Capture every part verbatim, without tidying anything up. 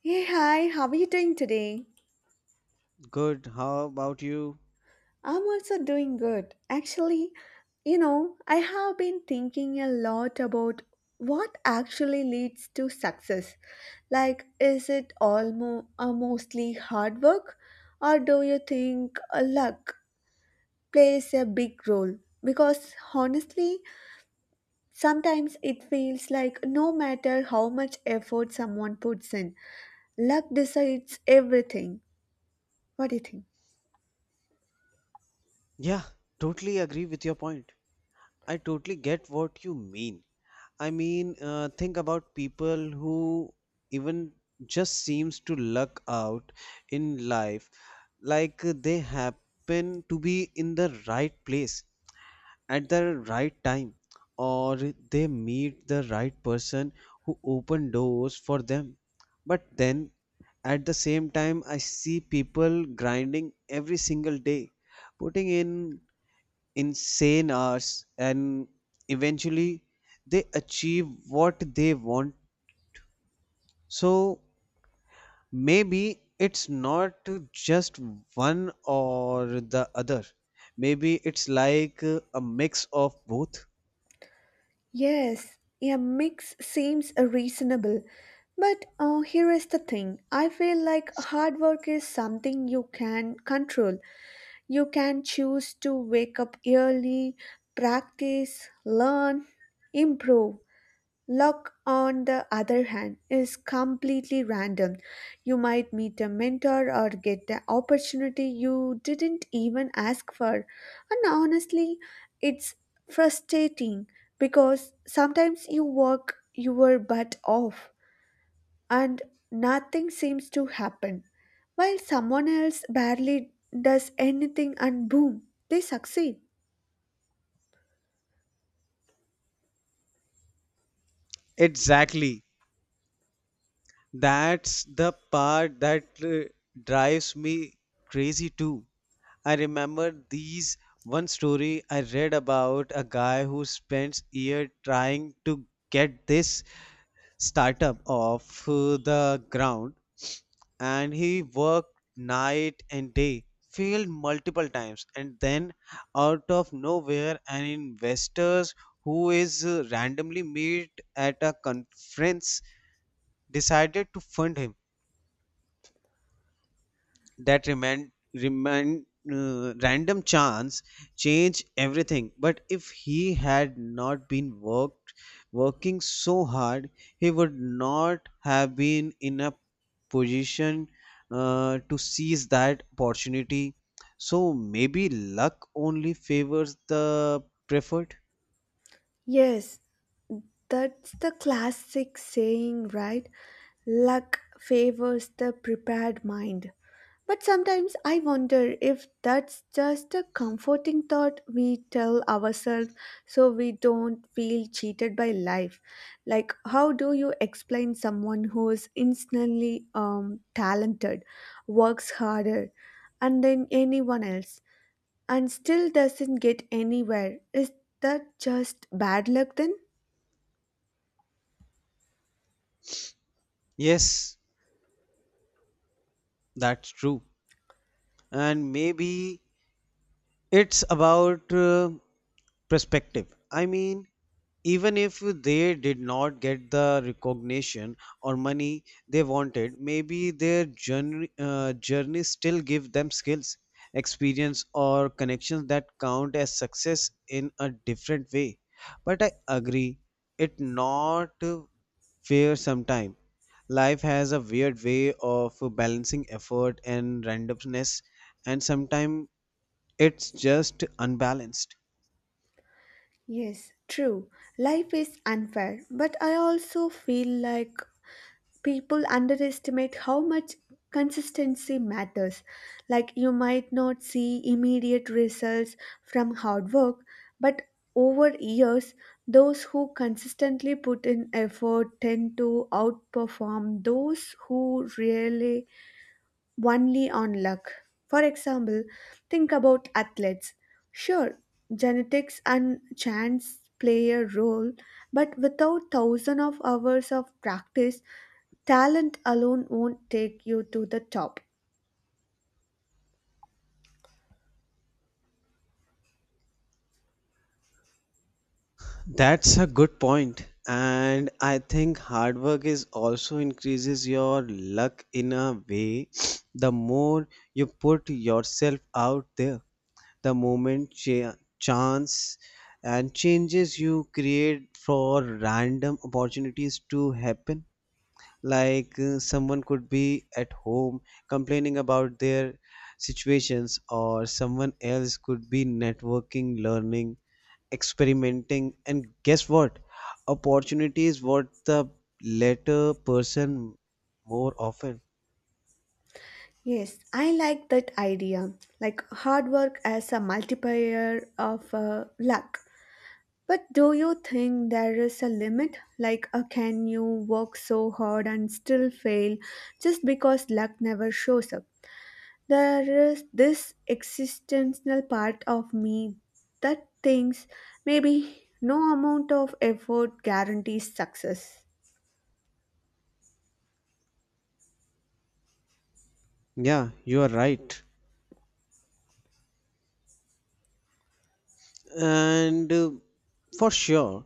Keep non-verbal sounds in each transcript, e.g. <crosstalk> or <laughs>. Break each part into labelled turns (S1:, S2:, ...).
S1: Hey, hi, how are you doing today?
S2: Good. How about you?
S1: I'm also doing good. Actually, you know, I have been thinking a lot about what actually leads to success. Like, is it almo uh, mostly hard work, or do you think uh, luck plays a big role? Because honestly, sometimes it feels like no matter how much effort someone puts in, luck decides everything. What do you think?
S2: Yeah, totally agree with your point. I totally get what you mean. I mean, uh, think about people who even just seems to luck out in life, like uh, they happen to be in the right place at the right time, or they meet the right person who open doors for them. But then at the same time I see people grinding every single day, putting in insane hours, and eventually they achieve what they want. So maybe it's not just one or the other. Maybe it's like uh, a mix of both.
S1: Yes, a mix seems reasonable. But uh, here is the thing. I feel like hard work is something you can control. You can choose to wake up early, practice, learn, improve. Luck, on the other hand, is completely random. You might meet a mentor or get the opportunity you didn't even ask for. And honestly, it's frustrating because sometimes you work your butt off and nothing seems to happen, while someone else barely does anything and boom, they succeed.
S2: Exactly. That's the part that uh, drives me crazy too. I remember these one story I read about a guy who spends year trying to get this startup off uh, the ground, and he worked night and day, failed multiple times, and then out of nowhere, an investors who is uh, randomly meet at a conference decided to fund him. That remain remain uh, random chance change everything. But if he had not been worked working so hard, he would not have been in a position uh, to seize that opportunity. So maybe luck only favors the preferred.
S1: Yes, that's the classic saying, right? Luck favors the prepared mind. But sometimes I wonder if that's just a comforting thought we tell ourselves so we don't feel cheated by life. Like, how do you explain someone who is instantly um, talented, works harder, and then anyone else, and still doesn't get anywhere? Is that just bad luck then?
S2: Yes, that's true. And maybe it's about uh, perspective. I mean, even if they did not get the recognition or money they wanted, maybe their journey, uh, journey still give them skills, experience, or connections that count as success in a different way. But I agree, it not uh, fair sometime. Life has a weird way of balancing effort and randomness, and sometimes it's just unbalanced.
S1: Yes, true. Life is unfair, but I also feel like people underestimate how much consistency matters. Like you might not see immediate results from hard work, but over years, those who consistently put in effort tend to outperform those who really only on luck. For example, think about athletes. Sure, genetics and chance play a role, but without thousands of hours of practice, talent alone won't take you to the top.
S2: That's a good point. And I think hard work is also increases your luck in a way. <sniffs> The more you put yourself out there, the moment cha- chance and changes you create for random opportunities to happen. Like uh, someone could be at home complaining about their situations, or someone else could be networking, learning, experimenting, and guess what, opportunity is what the latter person more often.
S1: Yes, I like that idea. Like hard work as a multiplier of uh, luck. But do you think there is a limit? Like, uh, can you work so hard and still fail just because luck never shows up? There is this existential part of me that thinks maybe no amount of effort guarantees success.
S2: Yeah, you are right. And uh, for sure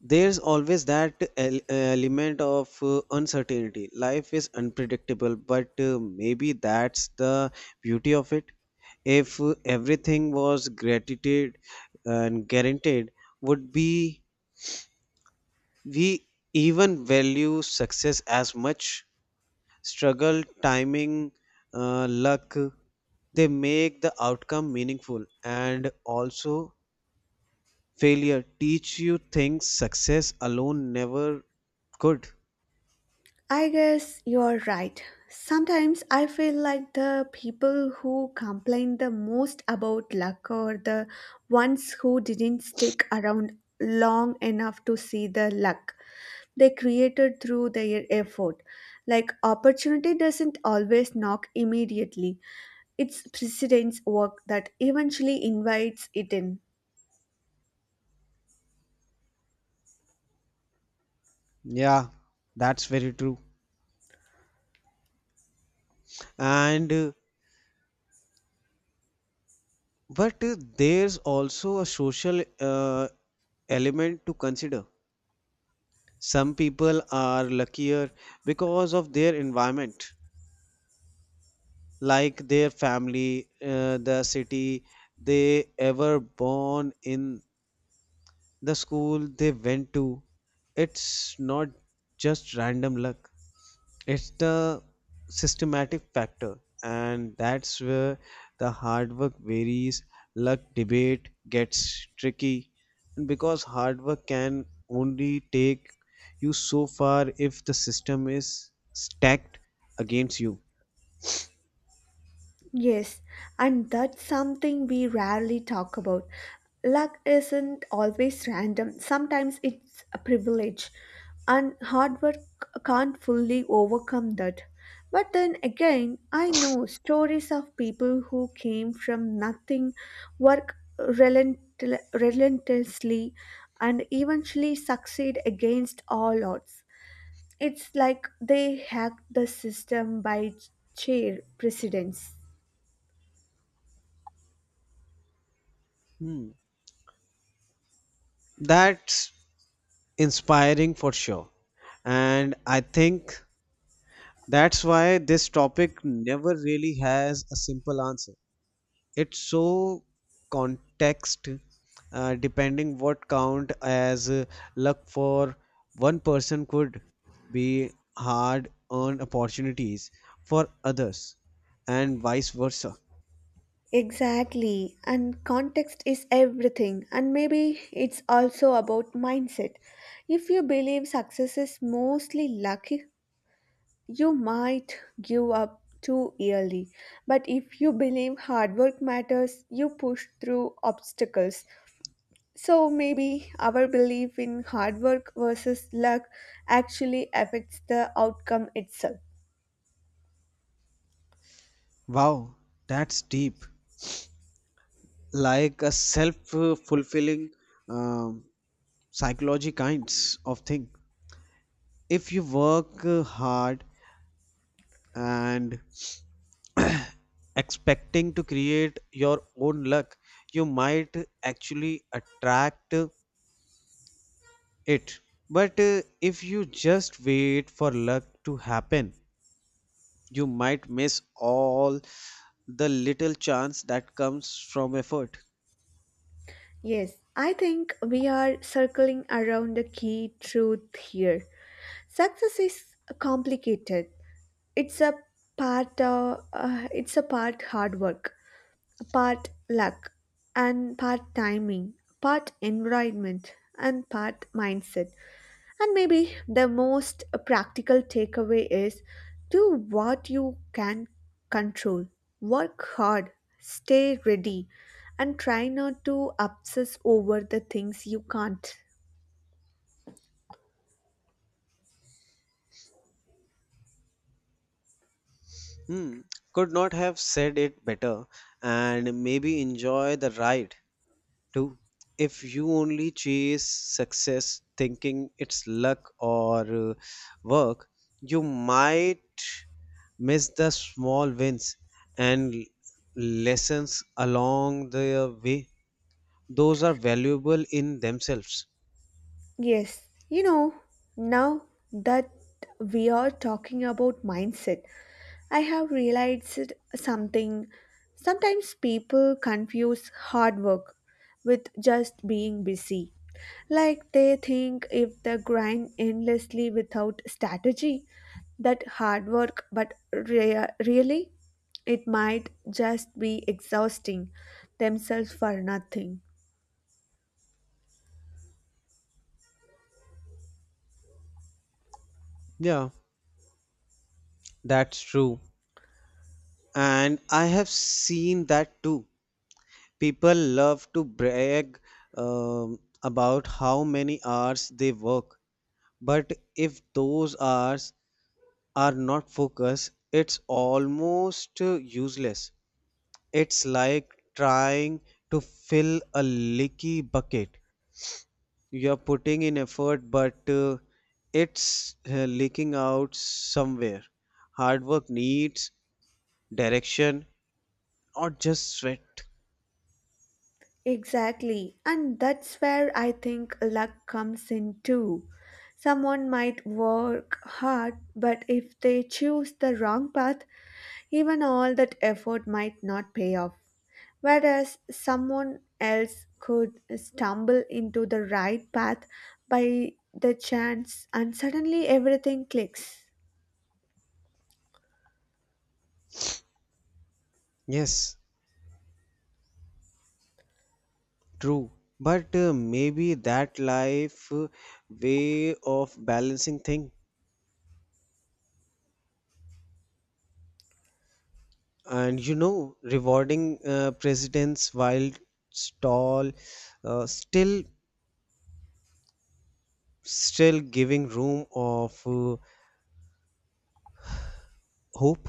S2: there's always that el- element of uh, uncertainty. Life is unpredictable, but uh, maybe that's the beauty of it. If uh, everything was gratitude and guaranteed, would be we even value success as much? Struggle, timing, uh, luck, they make the outcome meaningful. And also, failure teach you things success alone never could.
S1: I guess you're right. Sometimes I feel like the people who complain the most about luck are the ones who didn't stick around long enough to see the luck they created through their effort. Like, opportunity doesn't always knock immediately. It's precedents work that eventually invites it in.
S2: Yeah, that's very true. And uh, but uh, there's also a social uh, element to consider. Some people are luckier because of their environment, like their family, uh, the city they ever born in, the school they went to. It's not just random luck, it's the systematic factor. And that's where the hard work varies luck debate gets tricky, and because hard work can only take you so far if the system is stacked against you.
S1: Yes, and that's something we rarely talk about. Luck isn't always random, sometimes it's a privilege, and hard work can't fully overcome that. But then again, I know stories of people who came from nothing, work relentle- relentlessly, and eventually succeed against all odds. It's like they hacked the system by ch- chair precedence.
S2: Hmm, that's inspiring for sure. And I think that's why this topic never really has a simple answer. It's so context uh, depending. What count as uh, luck for one person could be hard earned opportunities for others, and vice versa.
S1: Exactly, and context is everything, and maybe it's also about mindset. If you believe success is mostly luck, you might give up too early. But if you believe hard work matters, you push through obstacles. So maybe our belief in hard work versus luck actually affects the outcome itself.
S2: Wow, that's deep. Like a self uh, fulfilling um, psychology kinds of thing. If you work uh, hard and <clears throat> expecting to create your own luck, you might actually attract uh, it. But uh, if you just wait for luck to happen, you might miss all the little chance that comes from effort.
S1: Yes, I think we are circling around the key truth here. Success is complicated. It's a part uh, uh, it's a part hard work, part luck, and part timing, part environment, and part mindset. And maybe the most practical takeaway is do what you can control. Work hard, stay ready, and try not to obsess over the things you can't.
S2: Hmm, could not have said it better. And maybe enjoy the ride to. If you only chase success thinking it's luck or uh, work, you might miss the small wins and lessons along the way. Those are valuable in themselves.
S1: Yes, you know, now that we are talking about mindset, I have realized something. Sometimes people confuse hard work with just being busy. Like they think if they grind endlessly without strategy, that hard work, but rea- really, it might just be exhausting themselves for nothing.
S2: Yeah, that's true. And I have seen that too. People love to brag um, about how many hours they work. But if those hours are not focused, it's almost uh, useless. It's like trying to fill a leaky bucket. You're putting in effort, but uh, it's uh, leaking out somewhere. Hard work needs direction, not just sweat.
S1: Exactly, and that's where I think luck comes in too. Someone might work hard, but if they choose the wrong path, even all that effort might not pay off. Whereas someone else could stumble into the right path by the chance and suddenly everything clicks.
S2: Yes, true. But uh, maybe that life uh, way of balancing thing. And you know, rewarding uh, presidents while stall, uh, still, still giving room of uh, hope.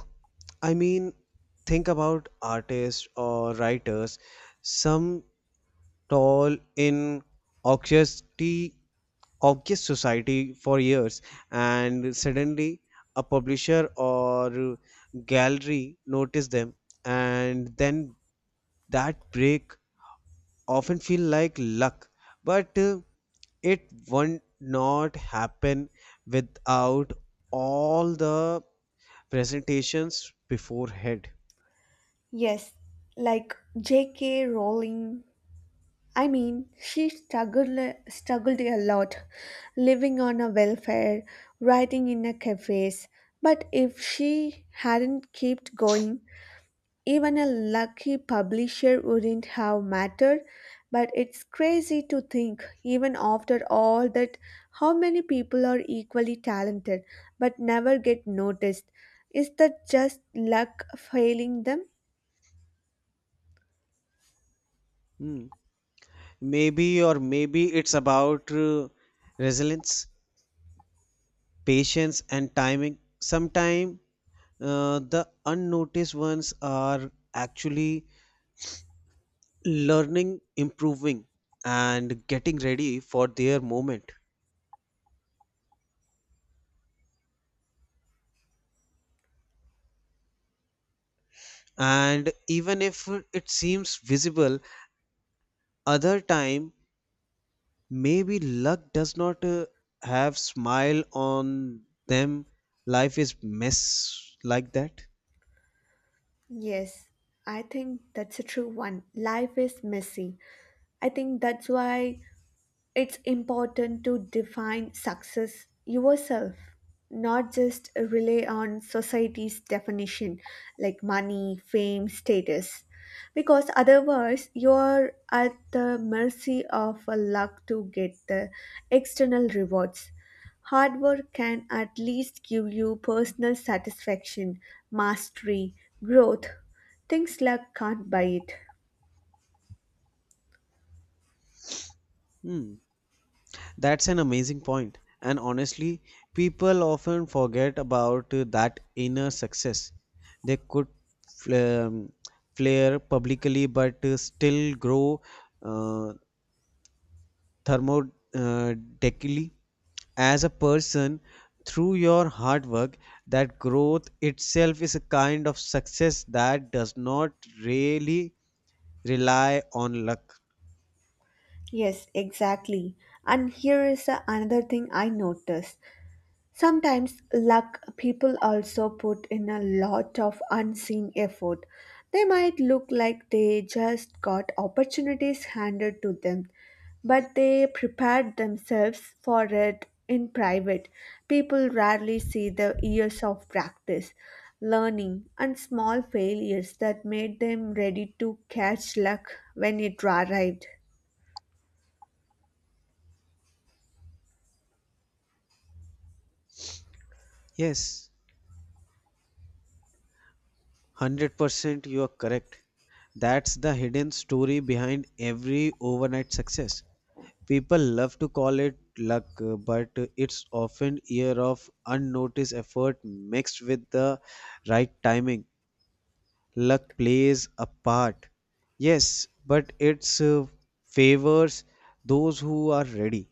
S2: I mean, think about artists or writers. Some tall in obscurity, obvious society for years, and suddenly a publisher or gallery notice them, and then that break often feel like luck, but uh, it would not happen without all the presentations beforehand.
S1: Yes, like J K. Rowling. I mean, she struggled struggled a lot, living on a welfare, writing in a cafes. But if she hadn't kept going, even a lucky publisher wouldn't have mattered, but it's crazy to think, even after all that, how many people are equally talented but never get noticed. Is that just luck failing them?
S2: Hmm. Maybe, or maybe it's about uh, resilience, patience, and timing. Sometimes uh, the unnoticed ones are actually learning, improving, and getting ready for their moment. And even if it seems visible, other time maybe luck does not uh, have smile on them. Life is mess like that.
S1: Yes, I think that's a true one. Life is messy. I think that's why it's important to define success yourself, not just rely on society's definition like money, fame, status, because otherwise you're at the mercy of uh, luck to get the external rewards. Hard work can at least give you personal satisfaction, mastery, growth, things luck can't buy it.
S2: Hmm, that's an amazing point. And honestly, people often forget about uh, that inner success. They could fl- um, flare publicly but uh, still grow uh, thermodactyly as a person through your hard work. That growth itself is a kind of success that does not really rely on luck.
S1: Yes, exactly. And here is a- another thing I noticed. Sometimes luck people also put in a lot of unseen effort. They might look like they just got opportunities handed to them, but they prepared themselves for it in private. People rarely see the years of practice, learning, and small failures that made them ready to catch luck when it arrived.
S2: Yes, one hundred percent you are correct. That's the hidden story behind every overnight success. People love to call it luck, uh, but it's often year of unnoticed effort mixed with the right timing. Luck plays a part. Yes, but it's uh, favors those who are ready.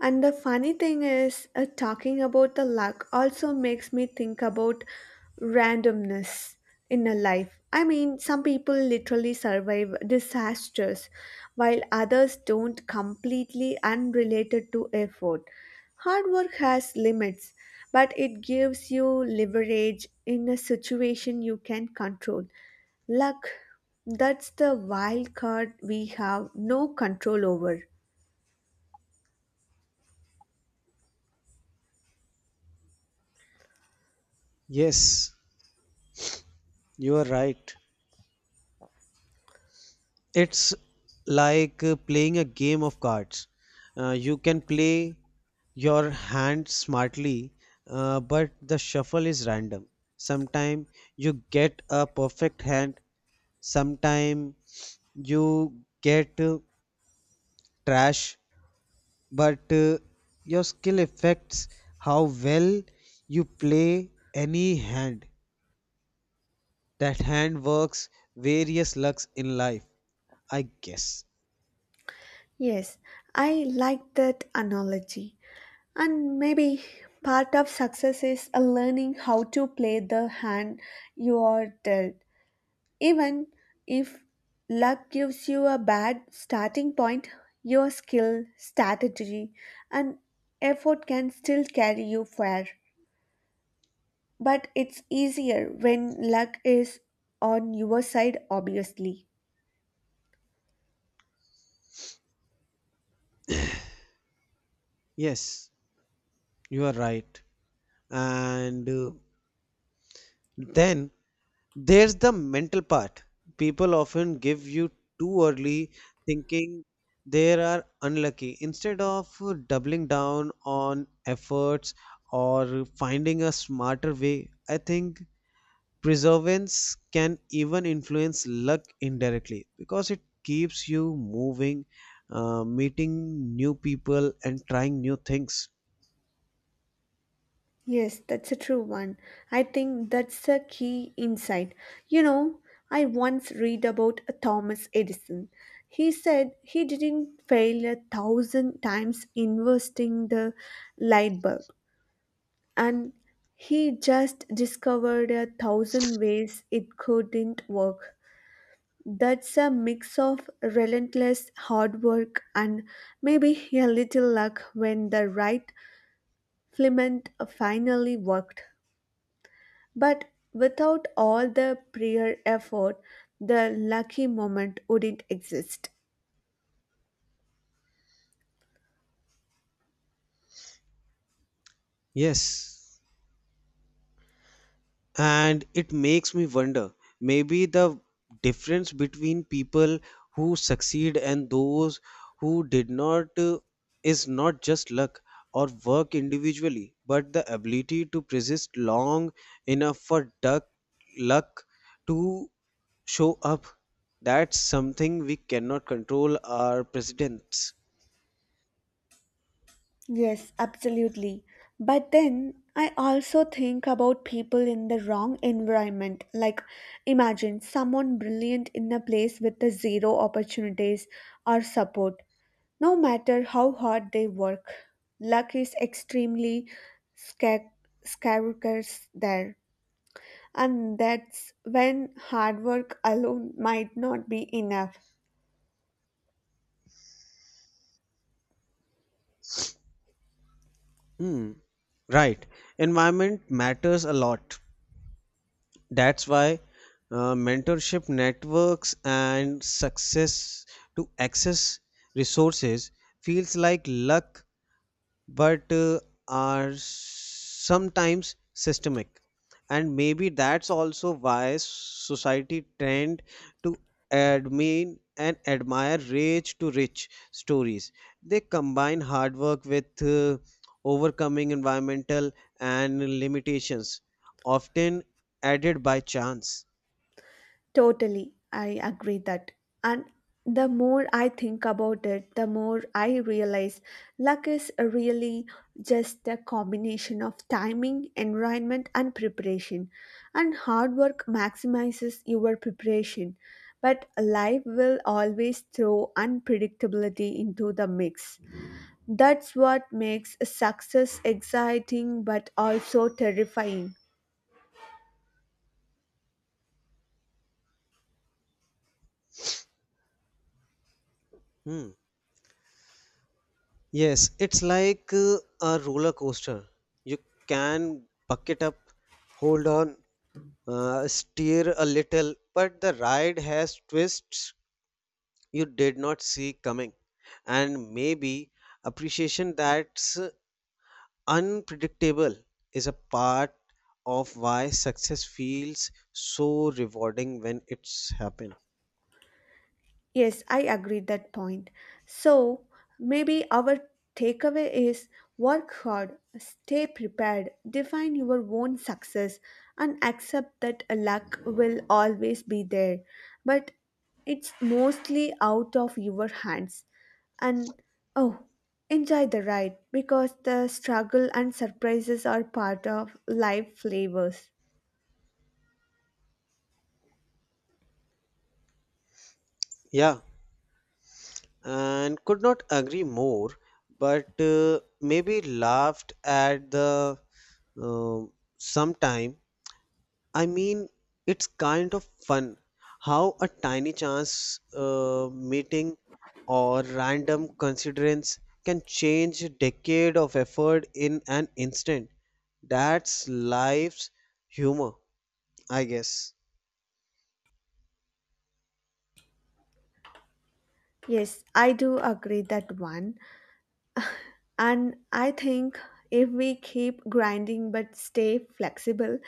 S1: And the funny thing is, uh, talking about the luck also makes me think about randomness in a life. I mean, some people literally survive disasters, while others don't, completely unrelated to effort. Hard work has limits, but it gives you leverage in a situation you can control. Luck, that's the wild card we have no control over.
S2: Yes, you are right. It's like uh, playing a game of cards. Uh, you can play your hand smartly, uh, but the shuffle is random. Sometimes you get a perfect hand. Sometimes you get uh, trash, but uh, your skill affects how well you play any hand. That hand works various lucks in life, I guess.
S1: Yes, I like that analogy. And maybe part of success is uh, learning how to play the hand you are dealt. Even if luck gives you a bad starting point, your skill, strategy, and effort can still carry you far. But it's easier when luck is on your side, obviously.
S2: Yes, you are right. And uh, then there's the mental part. People often give you too early, thinking they are unlucky instead of doubling down on efforts or finding a smarter way. I think perseverance can even influence luck indirectly because it keeps you moving, uh, meeting new people, and trying new things.
S1: Yes, that's a true one. I think that's a key insight. You know, I once read about a Thomas Edison. He said he didn't fail a thousand times inventing the light bulb, and he just discovered a thousand ways it couldn't work. That's a mix of relentless hard work and maybe a little luck when the right filament finally worked. But without all the prior effort, the lucky moment wouldn't exist.
S2: Yes, and it makes me wonder, maybe the difference between people who succeed and those who did not uh, is not just luck or work individually, but the ability to persist long enough for duck, luck to show up. That's something we cannot control our presidents.
S1: Yes, absolutely. But then I also think about people in the wrong environment. Like, imagine someone brilliant in a place with the zero opportunities or support, no matter how hard they work. Luck is extremely scar- scarce there. And that's when hard work alone might not be enough.
S2: Hmm, right. Environment matters a lot. That's why uh, mentorship networks and success to access resources feels like luck, but uh, are sometimes systemic. And maybe that's also why society tend to admire and admire rich to rich stories. They combine hard work with uh, overcoming environmental and limitations often added by chance.
S1: Totally, I agree that. And the more I think about it, the more I realize luck is really just a combination of timing, environment, and preparation. And hard work maximizes your preparation, but life will always throw unpredictability into the mix. That's what makes success exciting but also terrifying.
S2: Hmm. Yes, it's like uh, a roller coaster. You can bucket up, hold on, uh, steer a little, but the ride has twists you did not see coming. And maybe appreciation that's unpredictable is a part of why success feels so rewarding when it's happened.
S1: Yes, I agree that point. So, maybe our takeaway is work hard, stay prepared, define your own success and accept that luck will always be there, but it's mostly out of your hands. And oh, enjoy the ride because the struggle and surprises are part of life flavors.
S2: Yeah, and could not agree more, but uh, maybe laughed at the uh, sometime. I mean, it's kind of fun how a tiny chance uh, meeting or random considerance can change a decade of effort in an instant. That's life's humor, I guess.
S1: Yes, I do agree that one. And I think if we keep grinding but stay flexible,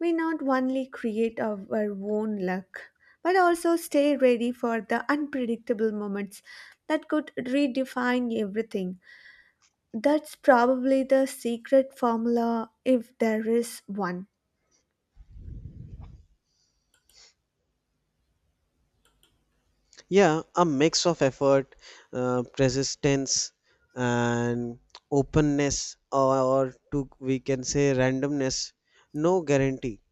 S1: we not only create our own luck, but also stay ready for the unpredictable moments that could redefine everything. That's probably the secret formula if there is one.
S2: Yeah, a mix of effort, uh, persistence, and openness, or to we can say randomness. No guarantee,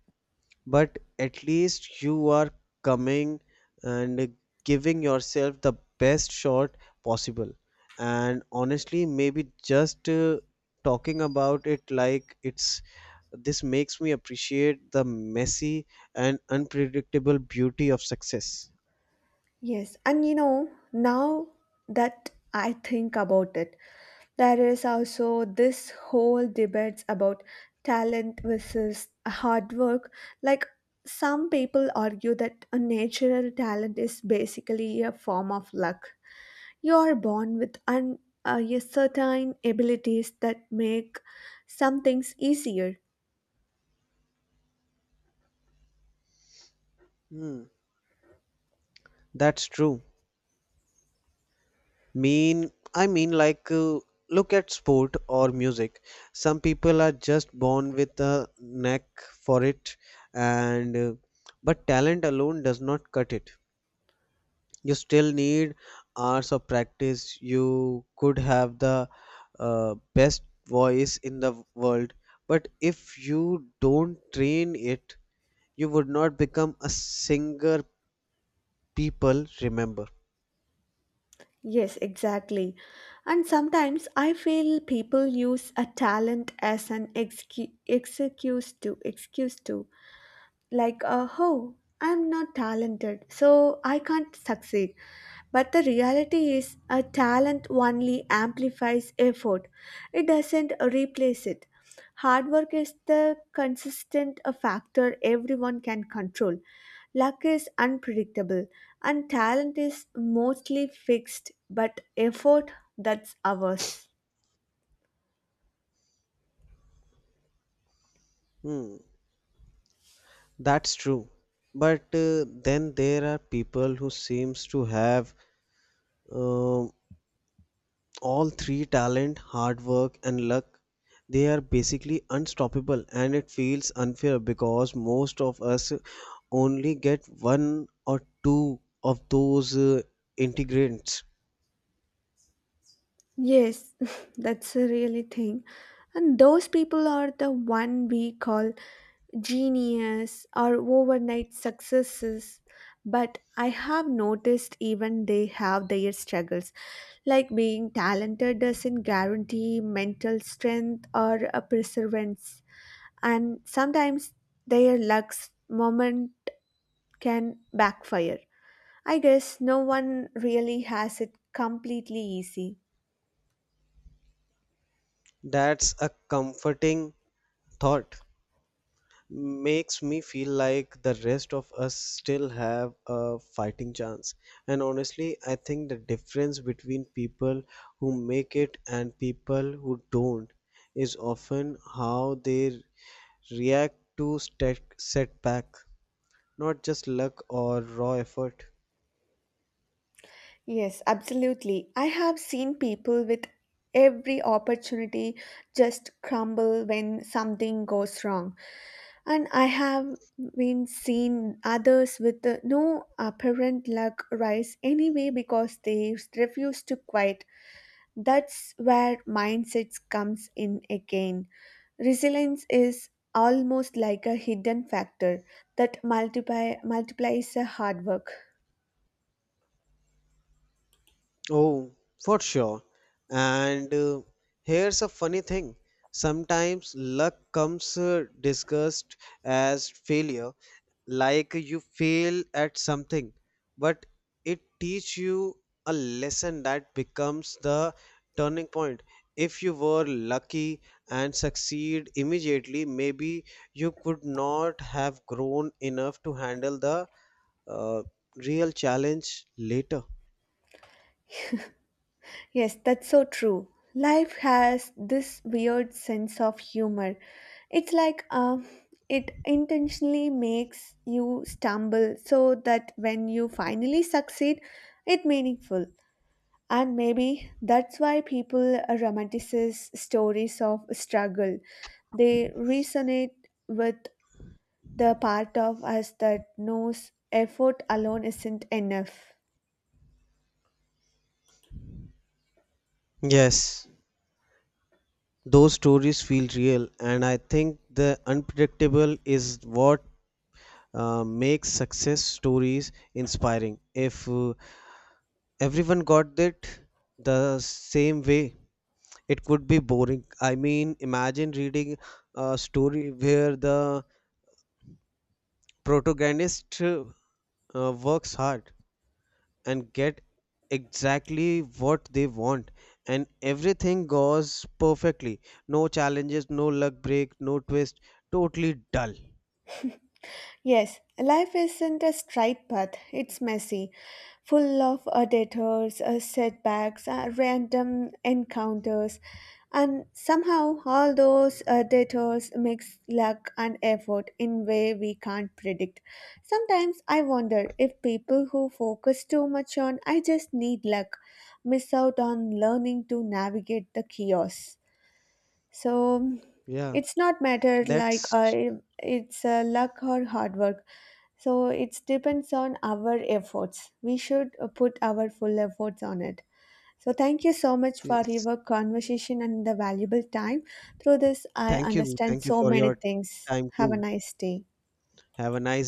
S2: but at least you are coming and giving yourself the best shot possible. And honestly, maybe just uh, talking about it like it's this makes me appreciate the messy and unpredictable beauty of success.
S1: Yes, and you know, now that I think about it, there is also this whole debate about talent versus hard work. Like some people argue that a natural talent is basically a form of luck. You are born with un- uh, yes, certain abilities that make some things easier.
S2: Hmm, that's true. Mean, I mean, like, uh, look at sport or music. Some people are just born with a knack for it, and uh, but talent alone does not cut it. You still need hours of practice. You could have the uh, best voice in the world, but if you don't train it, you would not become a singer people remember.
S1: Yes, exactly. And sometimes I feel people use a talent as an excu- excuse to excuse to, like, uh, oh, I'm not talented, so I can't succeed. But the reality is a talent only amplifies effort, it doesn't replace it. Hard work is the consistent uh, factor everyone can control. Luck is unpredictable, and talent is mostly fixed, but effort, that's ours.
S2: Hmm. That's true. But uh, then there are people who seems to have um all three talent, hard work and luck. They are basically unstoppable, and it feels unfair because most of us only get one or two of those uh, ingredients.
S1: Yes, <laughs> that's a really thing. And those people are the one we call genius or overnight successes. But I have noticed even they have their struggles. Like being talented doesn't guarantee mental strength or a perseverance. And sometimes their luck's moment can backfire. I guess no one really has it completely easy.
S2: That's a comforting thought. Makes me feel like the rest of us still have a fighting chance. And honestly, I think the difference between people who make it and people who don't is often how they react to set setback, not just luck or raw effort.
S1: Yes, absolutely. I have seen people with every opportunity just crumble when something goes wrong. And I have been seen others with uh, no apparent luck rise anyway because they refuse to quit. That's where mindsets comes in again. Resilience is almost like a hidden factor that multiply multiplies a hard work.
S2: Oh, for sure. And uh, here's a funny thing. Sometimes luck comes uh, disguised as failure. Like, you fail at something, but it teach you a lesson that becomes the turning point. If you were lucky and succeed immediately, maybe you could not have grown enough to handle the uh, real challenge later.
S1: Yes, that's so true. Life has this weird sense of humor. It's like um, it intentionally makes you stumble so that when you finally succeed, it's meaningful. And maybe that's why people romanticize stories of struggle. They resonate with the part of us that knows effort alone isn't enough.
S2: Yes, those stories feel real. And I think the unpredictable is what uh, makes success stories inspiring. If uh, everyone got it the same way, it could be boring. I mean, imagine reading a story where the protagonist uh, works hard and get exactly what they want, and everything goes perfectly. No challenges, no luck break, no twist. Totally dull.
S1: Yes, life isn't a straight path. It's messy, full of uh, detours, uh, setbacks, uh, random encounters, and somehow all those uh, detours mix luck and effort in way we can't predict. Sometimes I wonder if people who focus too much on "I just need luck" miss out on learning to navigate the chaos. So
S2: Yeah,
S1: it's not matter, like,
S2: that's
S1: uh, it's, uh, luck or hard work, so it depends on our efforts. We should uh, put our full efforts on it. So thank you so much for
S2: yes,
S1: your conversation and the valuable time. Through this, I
S2: thank you
S1: understand
S2: thank you
S1: so
S2: for
S1: many
S2: your
S1: things.
S2: time
S1: Have a
S2: too.
S1: nice day.
S2: Have a nice